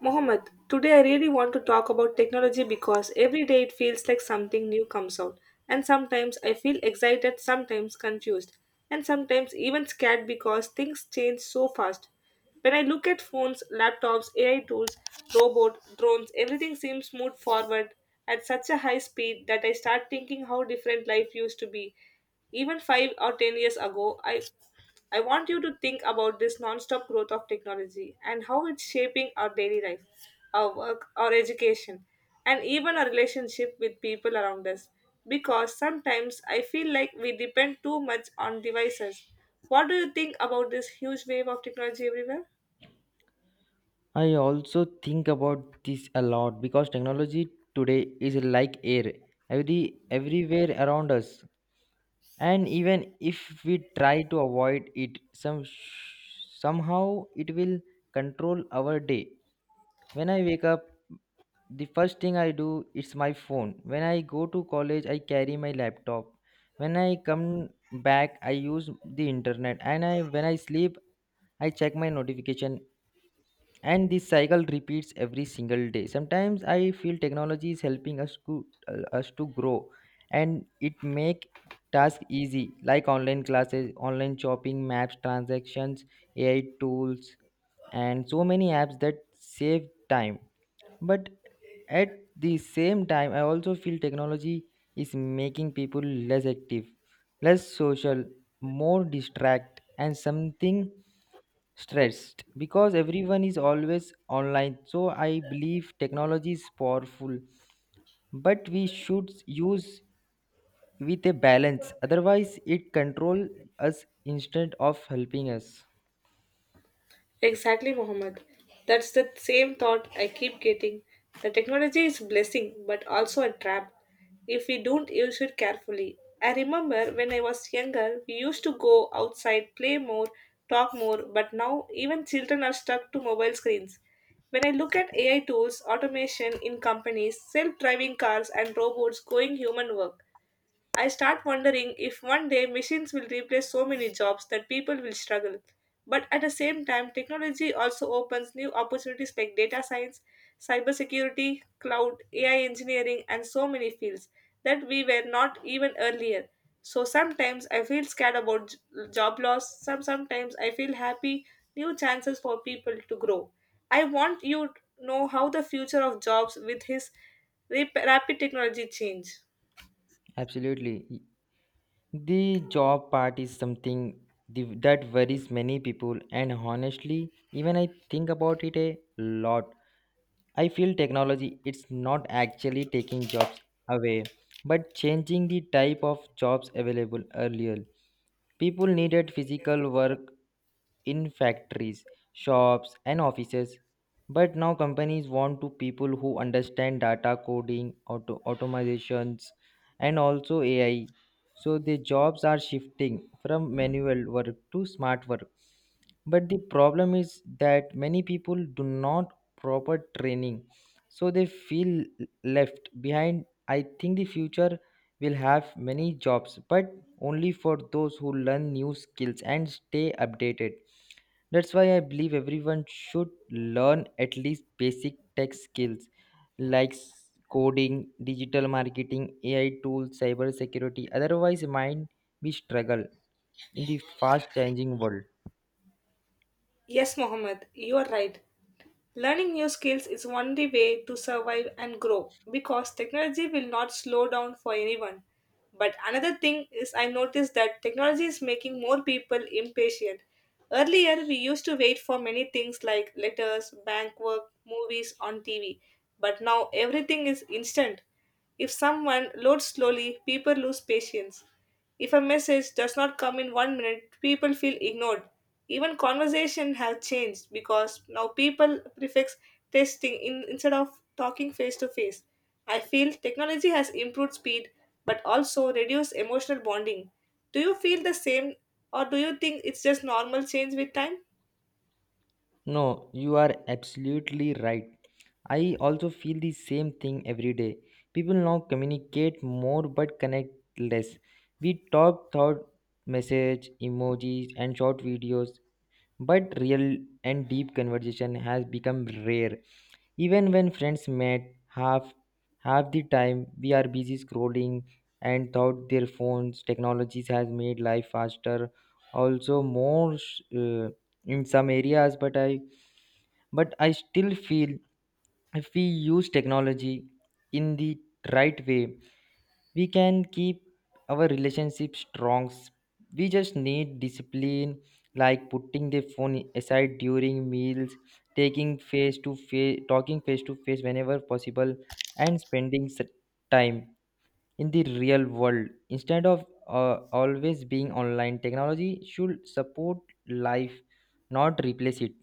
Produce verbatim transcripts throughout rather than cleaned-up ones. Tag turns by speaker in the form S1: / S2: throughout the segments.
S1: Mohammed, today I really want to talk about technology because every day it feels like something new comes out. And sometimes I feel excited, sometimes confused, and sometimes even scared because things change so fast. When I look at phones, laptops, A I tools, robot, drones, everything seems moved forward at such a high speed that I start thinking how different life used to be. Even five or ten years ago, I I want you to think about this non-stop growth of technology and how it's shaping our daily life, our work, our education, and even our relationship with people around us. Because sometimes I feel like we depend too much on devices. What do you think about this huge wave of technology everywhere?
S2: I also think about this a lot because technology today is like air, every everywhere around us. And even if we try to avoid it, some somehow it will control our day. When I wake up, the first thing I do is my phone. When I go to college, I carry my laptop. When I come back, I use the internet. And I When I sleep, I check my notification, and this cycle repeats every single day. Sometimes I feel technology is helping us to uh, us to grow, and it make tasks easy like online classes, online shopping, maps, transactions, AI tools, and so many apps that save time. But at the same time, I also feel technology is making people less active, less social, more distract, and something stressed because everyone is always online. So I believe technology is powerful, but we should use with a balance, otherwise it control us instead of helping us.
S1: Exactly, Mohammed. That's the same thought I keep getting. The technology is blessing, but also a trap if we don't use it carefully. I remember when I was younger, we used to go outside, play more, talk more, but now even children are stuck to mobile screens. When I look at A I tools, automation in companies, self driving cars, and robots going human work, I start wondering if one day machines will replace so many jobs that people will struggle. But at the same time, technology also opens new opportunities like data science, cybersecurity, cloud, A I engineering, and so many fields that we were not even earlier. So sometimes I feel scared about j- job loss, some sometimes I feel happy new chances for people to grow. I want you to know how the future of jobs with his rap- rapid technology change.
S2: Absolutely, the job part is something the- that worries many people, and honestly even I think about it a lot. I feel technology it's not actually taking jobs away, but changing the type of jobs available. Earlier people needed physical work in factories, shops, and offices, but now companies want to people who understand data coding, auto- automations, and also A I. So the jobs are shifting from manual work to smart work. But the problem is that many people do not proper training, so they feel left behind. I think the future will have many jobs, but only for those who learn new skills and stay updated. That's why I believe everyone should learn at least basic tech skills like s- coding, digital marketing, A I tools, cyber security. Otherwise, mind we struggle in the fast changing world.
S1: Yes, Mohammed, you are right. Learning new skills is one way to survive and grow because technology will not slow down for anyone. But another thing is, I noticed that technology is making more people impatient. Earlier, we used to wait for many things like letters, bank work, movies on T V, but now everything is instant. If someone loads slowly, people lose patience. If a message does not come in one minute, people feel ignored. Even conversation have changed because now people prefix testing in, instead of talking face to face. I feel technology has improved speed but also reduced emotional bonding. Do you feel the same or do you think it's just normal change with time?
S2: No, you are absolutely right. I also feel the same thing every day. People now communicate more but connect less. We talk thought message, emojis, and short videos, but real and deep conversation has become rare. Even when friends met, half half the time we are busy scrolling and thought their phones. Technologies has made life faster, also more. Uh, in some areas, but i but I still feel if we use technology in the right way, we can keep our relationship strong. We just need discipline, like putting the phone aside during meals, taking face to face talking face to face whenever possible, and spending s- time in the real world instead of uh, always being online. Technology should support life, not replace it.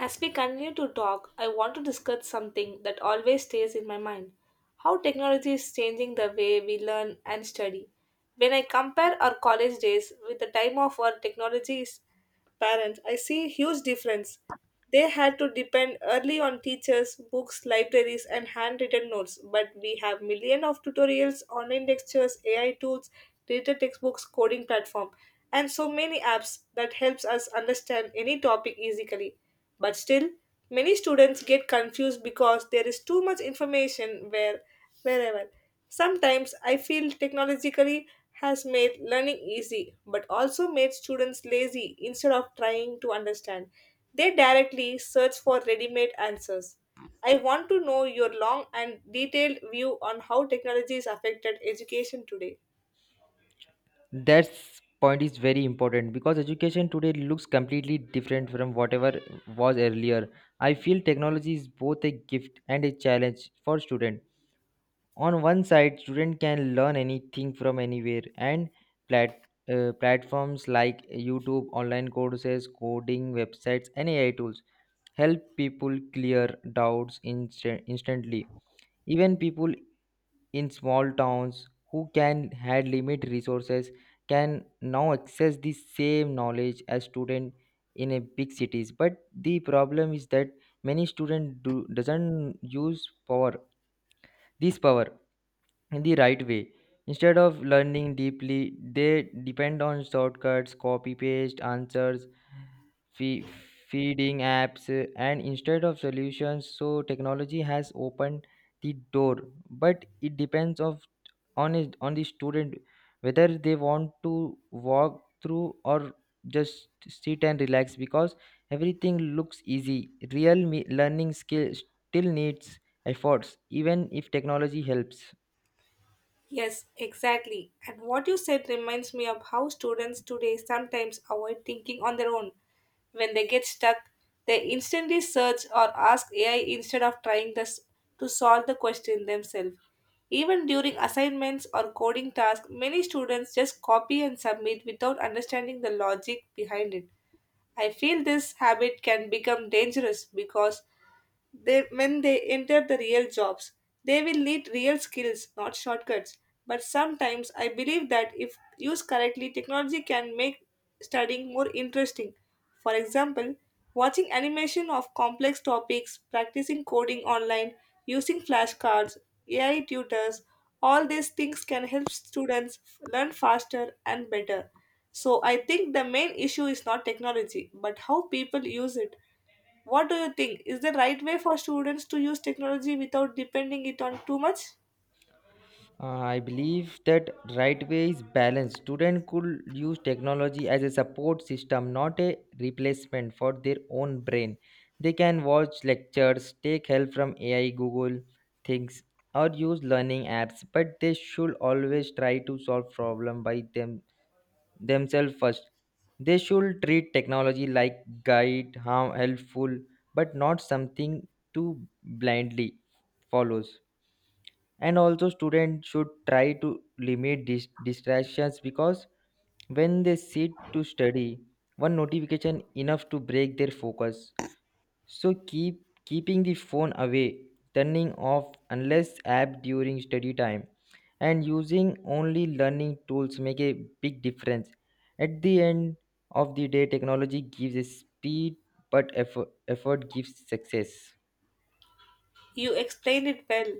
S1: As we continue to talk, I want to discuss something that always stays in my mind how technology is changing the way we learn and study. When I compare our college days with the time of our technology's parents, I see a huge difference. They had to depend early on teachers, books, libraries, and handwritten notes, but we have millions of tutorials, online lectures, A I tools, digital textbooks, coding platform, and so many apps that helps us understand any topic easily. But still, many students get confused because there is too much information where wherever. Sometimes I feel technologically has made learning easy but also made students lazy instead of trying to understand. They directly search for ready-made answers. I want to know your long and detailed view on how technology has affected education today.
S2: That point is very important because education today looks completely different from whatever was earlier. I feel technology is both a gift and a challenge for students. On one side, student can learn anything from anywhere, and plat- uh, platforms like YouTube, online courses, coding websites, and AI tools help people clear doubts instant- instantly. Even people in small towns who can had limited resources can now access the same knowledge as student in a big cities. But the problem is that many students do doesn't use power this power in the right way. Instead of learning deeply, they depend on shortcuts, copy paste answers, fee- feeding apps, uh, and instead of solutions. So technology has opened the door, but it depends of on is on the student whether they want to walk through or just sit and relax because everything looks easy. Real me- learning skill still needs efforts, even if technology helps.
S1: Yes, exactly. And what you said reminds me of how students today sometimes avoid thinking on their own. When they get stuck, they instantly search or ask A I instead of trying this to solve the question themselves. Even during assignments or coding tasks, many students just copy and submit without understanding the logic behind it. I feel this habit can become dangerous because they, when they enter the real jobs, they will need real skills, not shortcuts. But sometimes I believe that if used correctly, technology can make studying more interesting. For example, watching animation of complex topics, practicing coding online, using flashcards, A I tutors, all these things can help students learn faster and better. So I think the main issue is not technology, but how people use it. What do you think? Is the right way for students to use technology without depending it on too much?
S2: Uh, I believe that right way is balance. Students could use technology as a support system, not a replacement for their own brain. They can watch lectures, take help from A I, Google things, or use learning apps, but they should always try to solve problem by them themselves first. They should treat technology like guide, harm, helpful, but not something to blindly follows. And also students should try to limit dis- distractions because when they sit to study, one notification enough to break their focus. So keep keeping the phone away, turning off unless app during study time, and using only learning tools make a big difference. At the end of the day, technology gives a speed, but effort, effort gives success.
S1: You explained it well.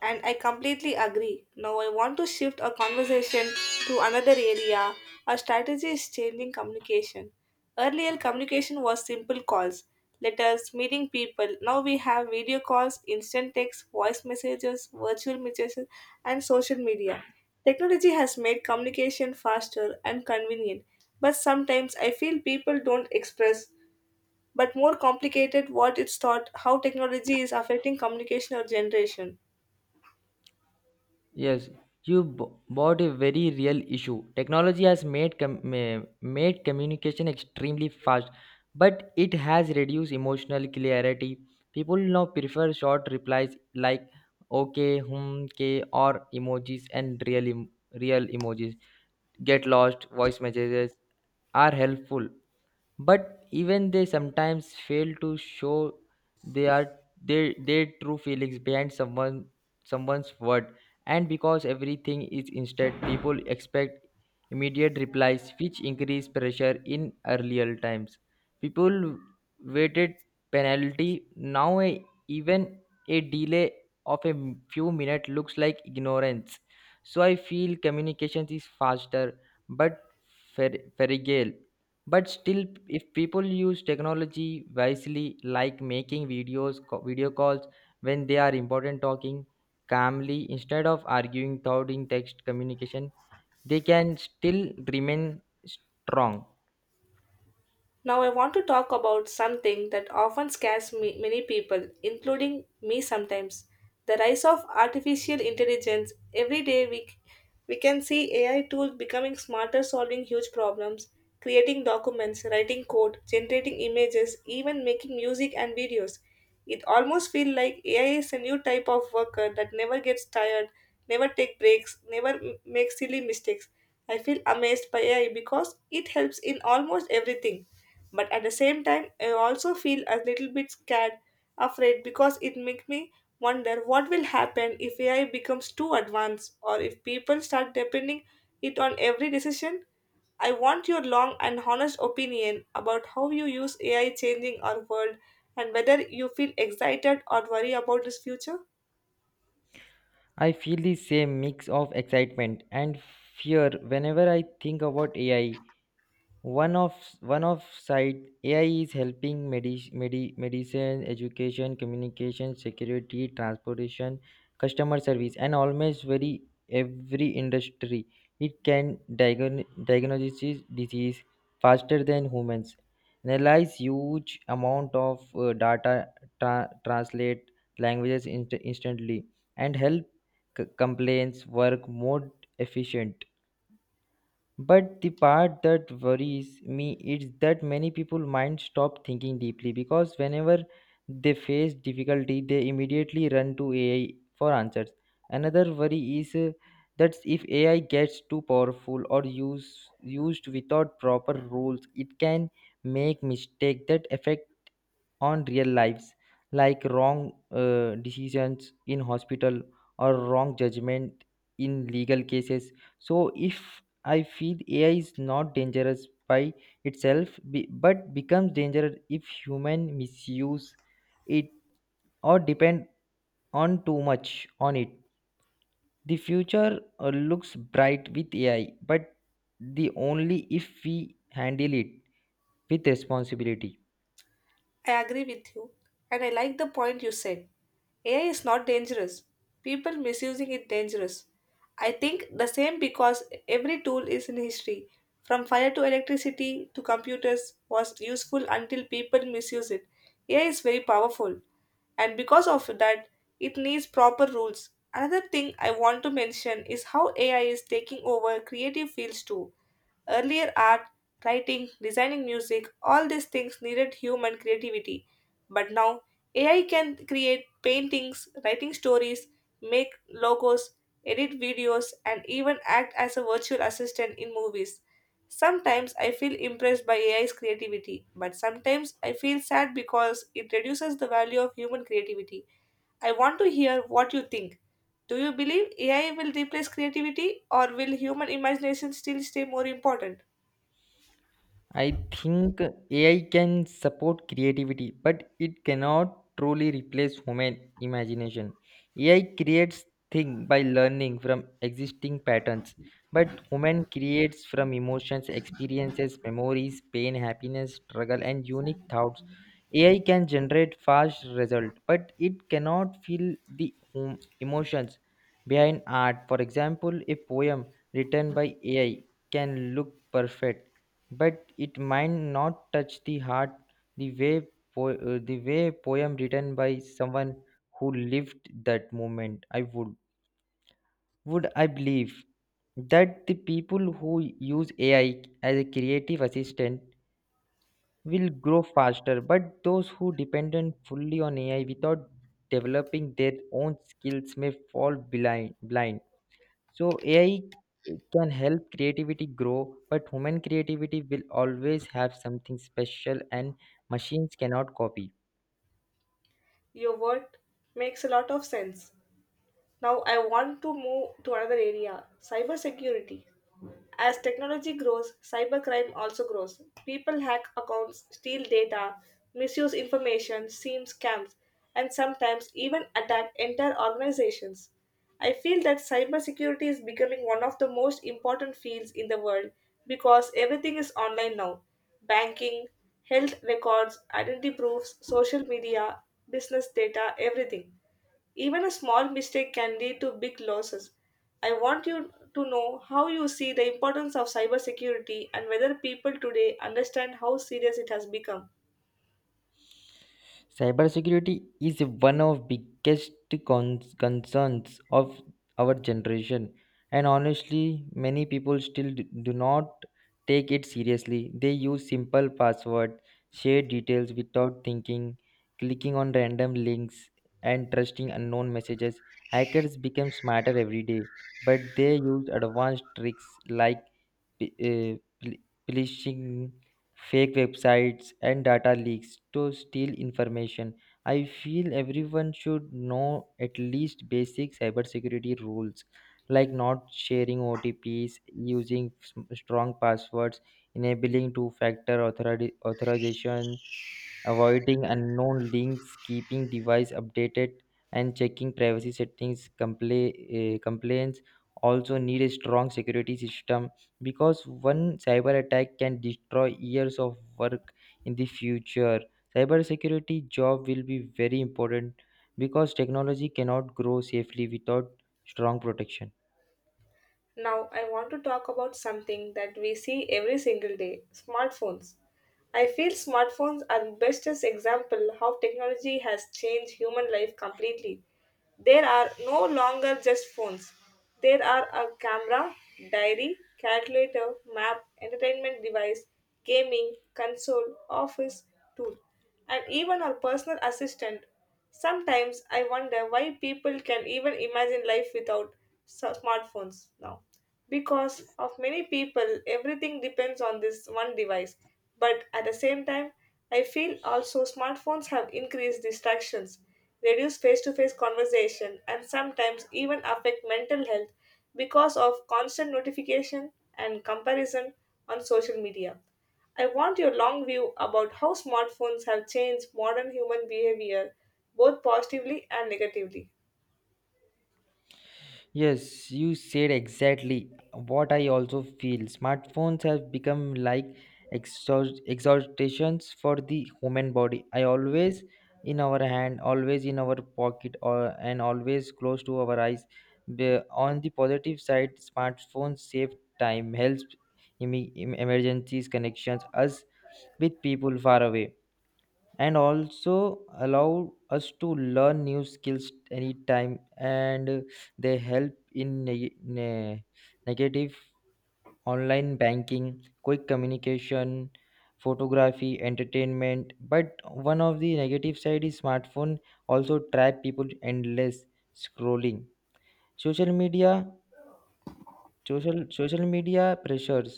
S1: And I completely agree. Now I want to shift our conversation to another area. Our strategy is changing communication. Earlier, communication was simple calls, letters, meeting people. Now we have video calls, instant text, voice messages, virtual messages, and social media. Technology has made communication faster and convenient, but sometimes I feel people don't express but more complicated what it's thought how technology is affecting communication or generation.
S2: Yes, you b- brought a very real issue. Technology has made com- ma- made communication extremely fast, but it has reduced emotional clarity. People now prefer short replies like "okay," "hmm," "k," or emojis, and real em- real emojis. Get lost. Voice messages are helpful, but even they sometimes fail to show they are their their true feelings behind someone someone's word. And because everything is instant, people expect immediate replies which increase pressure. In earlier times, people waited penalty. Now a, even a delay of a m- few minutes looks like ignorance. So I feel communication is faster but fer- fragile. But still if people use technology wisely, like making videos co- video calls when they are important, talking calmly instead of arguing thought in text communication, they can still remain strong.
S1: Now, I want to talk about something that often scares me, many people, including me sometimes the rise of artificial intelligence. Every day, we, we can see A I tools becoming smarter, solving huge problems, creating documents, writing code, generating images, even making music and videos. It almost feels like A I is a new type of worker that never gets tired, never take breaks, never m- makes silly mistakes. I feel amazed by A I because it helps in almost everything. But at the same time, I also feel a little bit scared, afraid because it makes me wonder what will happen if A I becomes too advanced or if people start depending it on every decision. I want your long and honest opinion about how you use A I changing our world and whether you feel excited or worry about this future.
S2: I feel the same mix of excitement and fear whenever I think about AI. one of One of side, AI is helping medi- medi- medicine, education, communication, security, transportation, customer service, and almost very every industry. It can diagnose diagnose disease faster than humans, analyze huge amount of uh, data, tra- translate languages inst- instantly, and help c- complaints work more efficient. But the part that worries me is that many people might stop thinking deeply because whenever they face difficulty, they immediately run to A I for answers. Another worry is uh, that if A I gets too powerful or use, used without proper rules, it can make mistakes that affect on real lives, like wrong uh, decisions in hospital or wrong judgment in legal cases. So if I feel A I is not dangerous by itself, be- but becomes dangerous if human misuse it or depend on too much on it. The future uh, looks bright with A I, but the only if we handle it with responsibility.
S1: I agree with you, and I like the point you said. A I is not dangerous. People misusing it dangerous. I think the same because every tool is in history. From fire to electricity to computers was useful until people misuse it. A I is very powerful and because of that it needs proper rules. Another thing I want to mention is how A I is taking over creative fields too. Earlier art, writing, designing music, all these things needed human creativity. But now A I can create paintings, writing stories, make logos, edit videos, and even act as a virtual assistant in movies. Sometimes I feel impressed by A I's creativity, but sometimes I feel sad because it reduces the value of human creativity. I want to hear what you think. Do you believe A I will replace creativity or will human imagination still stay more important?
S2: I think A I can support creativity, but it cannot truly replace human imagination. A I creates things by learning from existing patterns, but human creates from emotions, experiences, memories, pain, happiness, struggle, and unique thoughts. A I can generate fast results, but it cannot feel the hum- emotions behind art. For example, a poem written by A I can look perfect but it might not touch the heart the way po- uh, the way poem written by someone who lived that moment. I would would i believe that the people who use AI as a creative assistant will grow faster, but those who dependent fully on AI without developing their own skills may fall blind blind. So A I can help creativity grow, but human creativity will always have something special and machines cannot copy.
S1: Your word makes a lot of sense. Now I want to move to another area, cybersecurity. As technology grows, cybercrime also grows. People hack accounts, steal data, misuse information, seem scams, and sometimes even attack entire organizations. I feel that cybersecurity is becoming one of the most important fields in the world because everything is online now. Banking, health records, identity proofs, social media, business data, everything. Even a small mistake can lead to big losses. I want you to know how you see the importance of cybersecurity and whether people today understand how serious it has become.
S2: Cybersecurity is one of biggest cons- concerns of our generation, and honestly many people still d- do not take it seriously. They use simple password, share details without thinking, clicking on random links and trusting unknown messages. Hackers become smarter every day, but they use advanced tricks like p- uh, pl- phishing, fake websites, and data leaks to steal information. I feel everyone should know at least basic cybersecurity rules like not sharing O T Ps, using s- strong passwords, enabling two factor authori- authorization, avoiding unknown links, keeping device updated, and checking privacy settings. Compla- uh, complaints also need a strong security system because one cyber attack can destroy years of work. In the future, cybersecurity job will be very important because technology cannot grow safely without strong protection.
S1: Now, I want to talk about something that we see every single day smartphones. I feel smartphones are the best example how technology has changed human life completely. There are no longer just phones. There are a camera, diary, calculator, map, entertainment device, gaming, console, office, tool, and even our personal assistant. Sometimes I wonder why people can even imagine life without s- smartphones now. Because of many people, everything depends on this one device. But at the same time, I feel also smartphones have increased distractions, reduced face to face conversation, and sometimes even affect mental health because of constant notification and comparison on social media. I want your long view about how smartphones have changed modern human behavior, both positively and negatively.
S2: Yes, you said exactly what I also feel. Smartphones have become like exhaust- exhaustations for the human body. I always in our hand, always in our pocket, or and always close to our eyes. The- On the positive side, smartphones save time, helps em- em- emergencies, connections us with people far away, and also allow us to learn new skills anytime. And uh, they help in neg- ne- negative online banking, quick communication, photography, entertainment. But one of the negative side is smartphone also trap people to endless scrolling, social media social social media pressures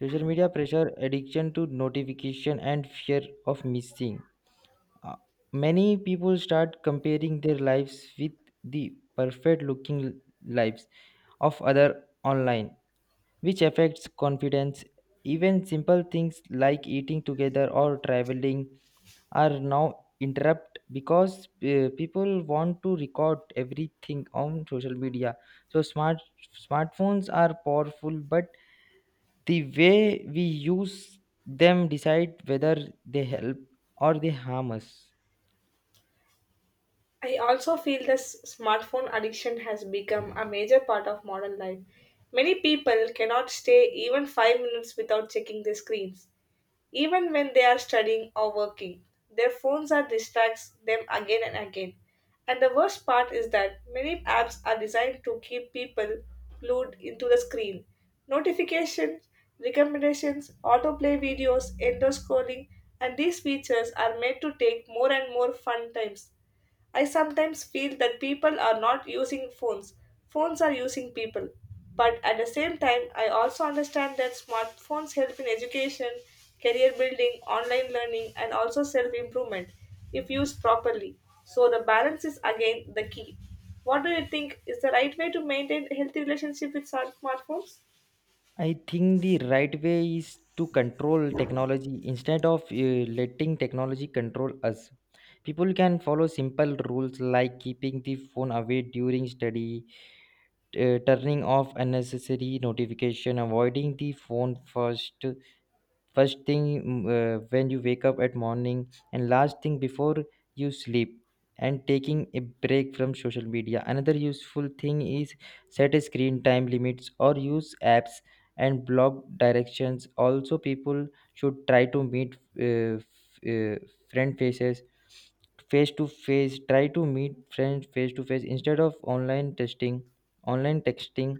S2: social media pressure, addiction to notification, and fear of missing. Uh, Many people start comparing their lives with the perfect looking lives of other online, which affects confidence. Even simple things like eating together or traveling are now interrupted because uh, people want to record everything on social media. So smart smartphones are powerful, but the way we use them decide whether they help or they harm us.
S1: I also feel this smartphone addiction has become a major part of modern life. Many people cannot stay even five minutes without checking their screens, even when they are studying or working. Their phones are distracts them again and again. And the worst part is that many apps are designed to keep people glued into the screen. Notifications, recommendations, autoplay videos, endless scrolling, and these features are made to take more and more fun times I sometimes feel that people are not using phones, phones are using people. But at the same time, I also understand that smartphones help in education, career building, online learning, and also self improvement if used properly. So the balance is again the key. What do you think is the right way to maintain a healthy relationship with smart- smartphones?
S2: I think the right way is to control technology instead of uh, letting technology control us. People can follow simple rules like keeping the phone away during study, t- uh, turning off unnecessary notification, avoiding the phone first first thing mm, uh, when you wake up at morning and last thing before you sleep and taking a break from social media. Another useful thing is set a screen time limits or use apps and block directions. Also people should try to meet uh, f- uh, friend faces face to face try to meet friends face to face instead of online testing online texting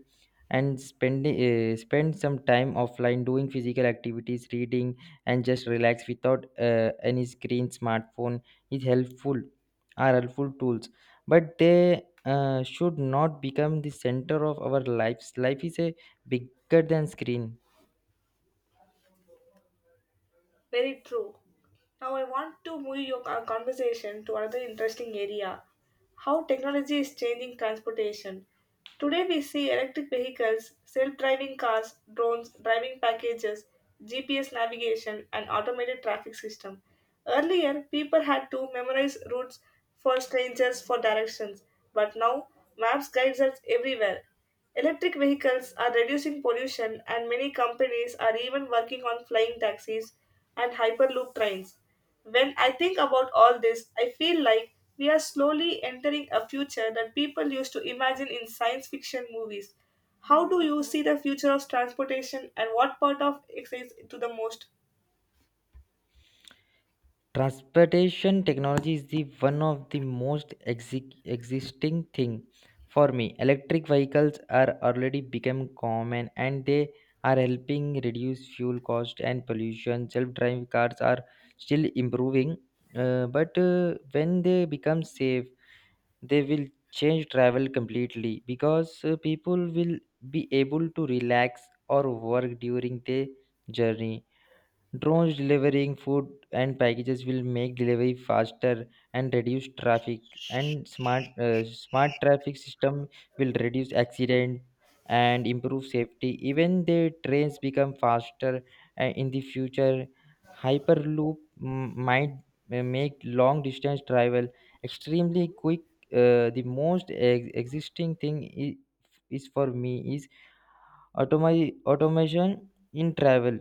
S2: and spend, uh, spend some time offline doing physical activities, reading, and just relax without uh, any screen. Smartphone is helpful Are helpful tools, but they uh, should not become the center of our lives. Life is a bigger than screen.
S1: Very true. Now I want to move your con- conversation to another interesting area how technology is changing transportation. Today we see electric vehicles, self driving cars, drones, driving packages, G P S navigation, and automated traffic system. Earlier, people had to memorize routes for strangers for directions, but now maps guides us everywhere. Electric vehicles are reducing pollution, and many companies are even working on flying taxis and hyperloop trains. When I think about all this, I feel like we are slowly entering a future that people used to imagine in science fiction movies. How do you see the future of transportation, and what part of it excites you the most?
S2: Transportation technology is the one of the most exi- existing thing for me. Electric vehicles are already become common and they are helping reduce fuel cost and pollution. Self-driving cars are still improving, uh, but uh, when they become safe they will change travel completely because uh, people will be able to relax or work during their journey. Drones delivering food and packages will make delivery faster and reduce traffic. And smart uh, smart traffic system will reduce accident and improve safety. Even the trains become faster uh, in the future. Hyperloop m- might uh, make long distance travel extremely quick. Uh, the most ex- existing thing is, is for me is automi- automation in travel.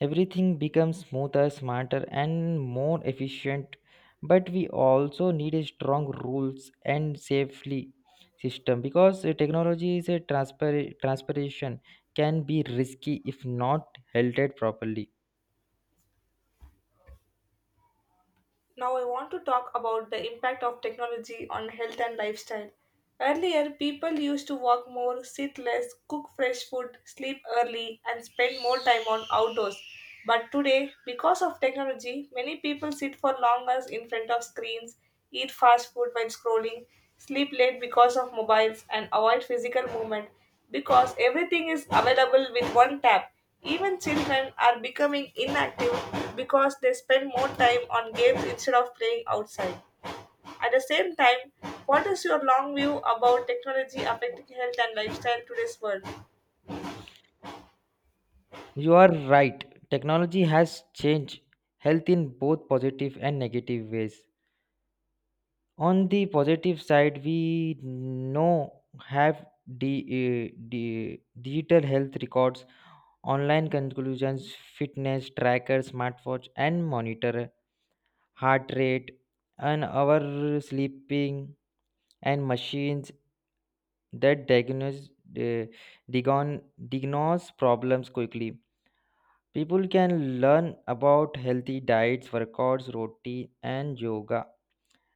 S2: Everything becomes smoother, smarter, and more efficient. But we also need a strong rules and safely system because uh, technology is a transpar- transpiration can be risky if not held properly.
S1: Now, I want to talk about the impact of technology on health and lifestyle. Earlier, people used to walk more, sit less, cook fresh food, sleep early, and spend more time on outdoors. But today, because of technology, many people sit for long hours in front of screens, eat fast food while scrolling, sleep late because of mobiles, and avoid physical movement because everything is available with one tap. Even children are becoming inactive because they spend more time on games instead of playing outside. At the same time, what is your long view about technology affecting health and lifestyle in today's world?
S2: You are right. Technology has changed health in both positive and negative ways. On the positive side, we know have the digital health records, online conclusions, fitness tracker, smartwatch, and monitor heart rate and our sleeping, and machines that diagnose uh, diagon- diagnose problems quickly. People can learn about healthy diets, workouts routine, and yoga,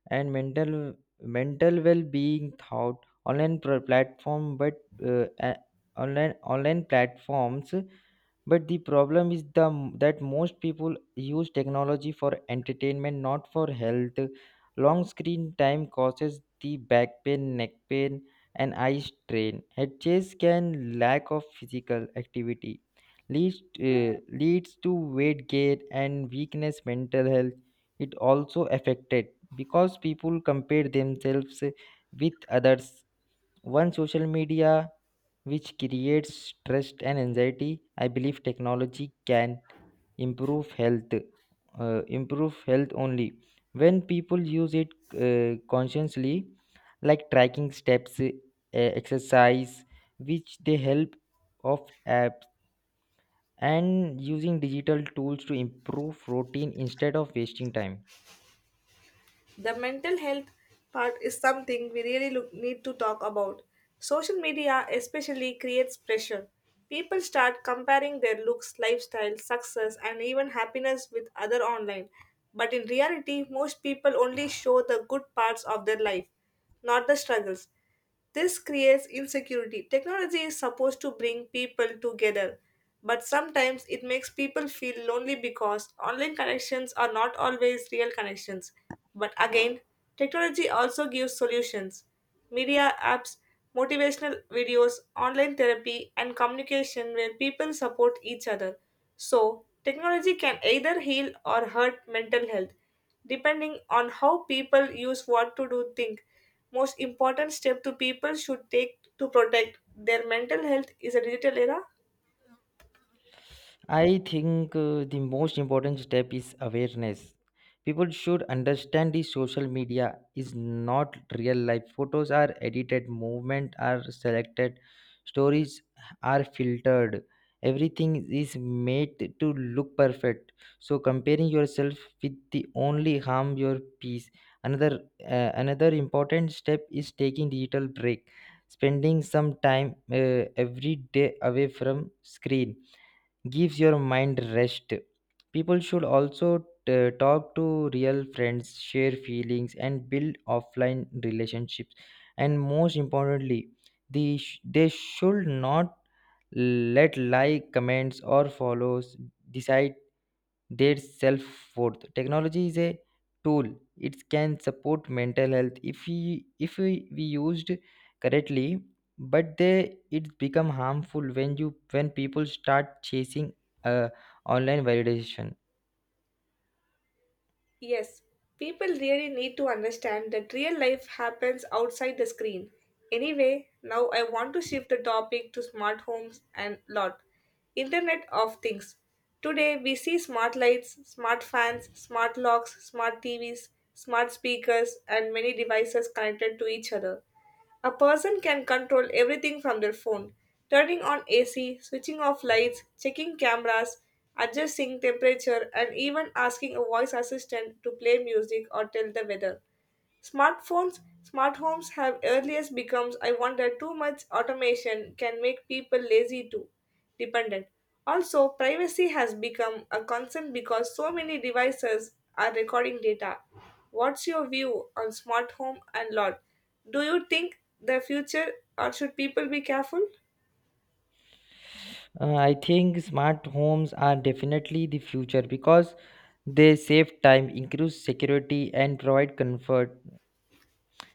S2: and mental mental well-being thought online pr- platform but uh, a- online online platforms. But the problem is the that most people use technology for entertainment, not for health. Long screen time causes the back pain, neck pain, and eye strain, head chase can lack of physical activity leads uh, leads to weight gain and weakness. Mental health, it also affected because people compare themselves with others. One social media which creates stress and anxiety. I believe technology can improve health, uh, improve health only when people use it uh, consciously, like tracking steps, uh, exercise, which they help of apps, and using digital tools to improve routine instead of wasting time.
S1: The mental health part is something we really look, need to talk about. Social media especially creates pressure. People start comparing their looks, lifestyle, success, and even happiness with other online. But in reality, most people only show the good parts of their life, not the struggles. This creates insecurity. Technology is supposed to bring people together, but sometimes it makes people feel lonely because online connections are not always real connections. But again, technology also gives solutions. Media apps, motivational videos, online therapy, and communication where people support each other. So, technology can either heal or hurt mental health, depending on how people use what to do think most important step to people should take to protect their mental health is a digital era?
S2: I think uh, the most important step is awareness. People should understand the social media is not real life. Photos are edited, movement are selected, stories are filtered. Everything is made to look perfect. So comparing yourself with the only harm your peace. Another uh, Another important step is taking digital break, spending some time uh, every day away from screen gives your mind rest. People should also t- talk to real friends, share feelings, and build offline relationships. And most importantly, the sh- they should not let like, comments, or follows decide their self worth. Technology is a tool; it can support mental health if we if we, we used correctly. But they it become harmful when you when people start chasing uh, online validation.
S1: Yes, people really need to understand that real life happens outside the screen. Anyway, now I want to shift the topic to smart homes and lot. Internet of Things. Today we see smart lights, smart fans, smart locks, smart T Vs, smart speakers, and many devices connected to each other. A person can control everything from their phone turning on A C, switching off lights, checking cameras, adjusting temperature, and even asking a voice assistant to play music or tell the weather. Smartphones, smart homes have earliest becomes I wonder too much automation can make people lazy too dependent. Also, privacy has become a concern because so many devices are recording data. What's your view on smart home and lot? Do you think the future or should people be careful?
S2: Uh, I think smart homes are definitely the future because they save time, increase security, and provide comfort.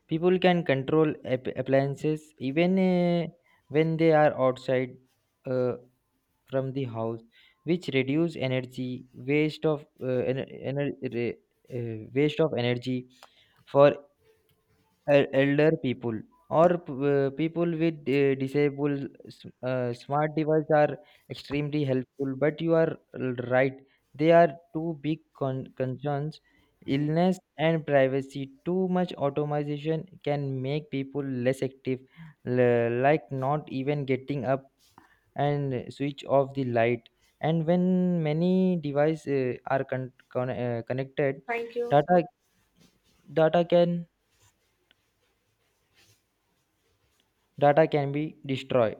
S2: People can control app- appliances even uh, when they are outside. Uh, from the house, which reduce energy waste of uh, ener- ener- re- uh, waste of energy for el- elder people or p- uh, people with uh, disabled s- uh, smart devices are extremely helpful. But you are l- right, they are two big con- concerns, illness and privacy. Too much automation can make people less active, l- like not even getting up and switch off the light. And when many devices uh, are con- con- uh, connected,
S1: Thank you.
S2: data data can data can be destroyed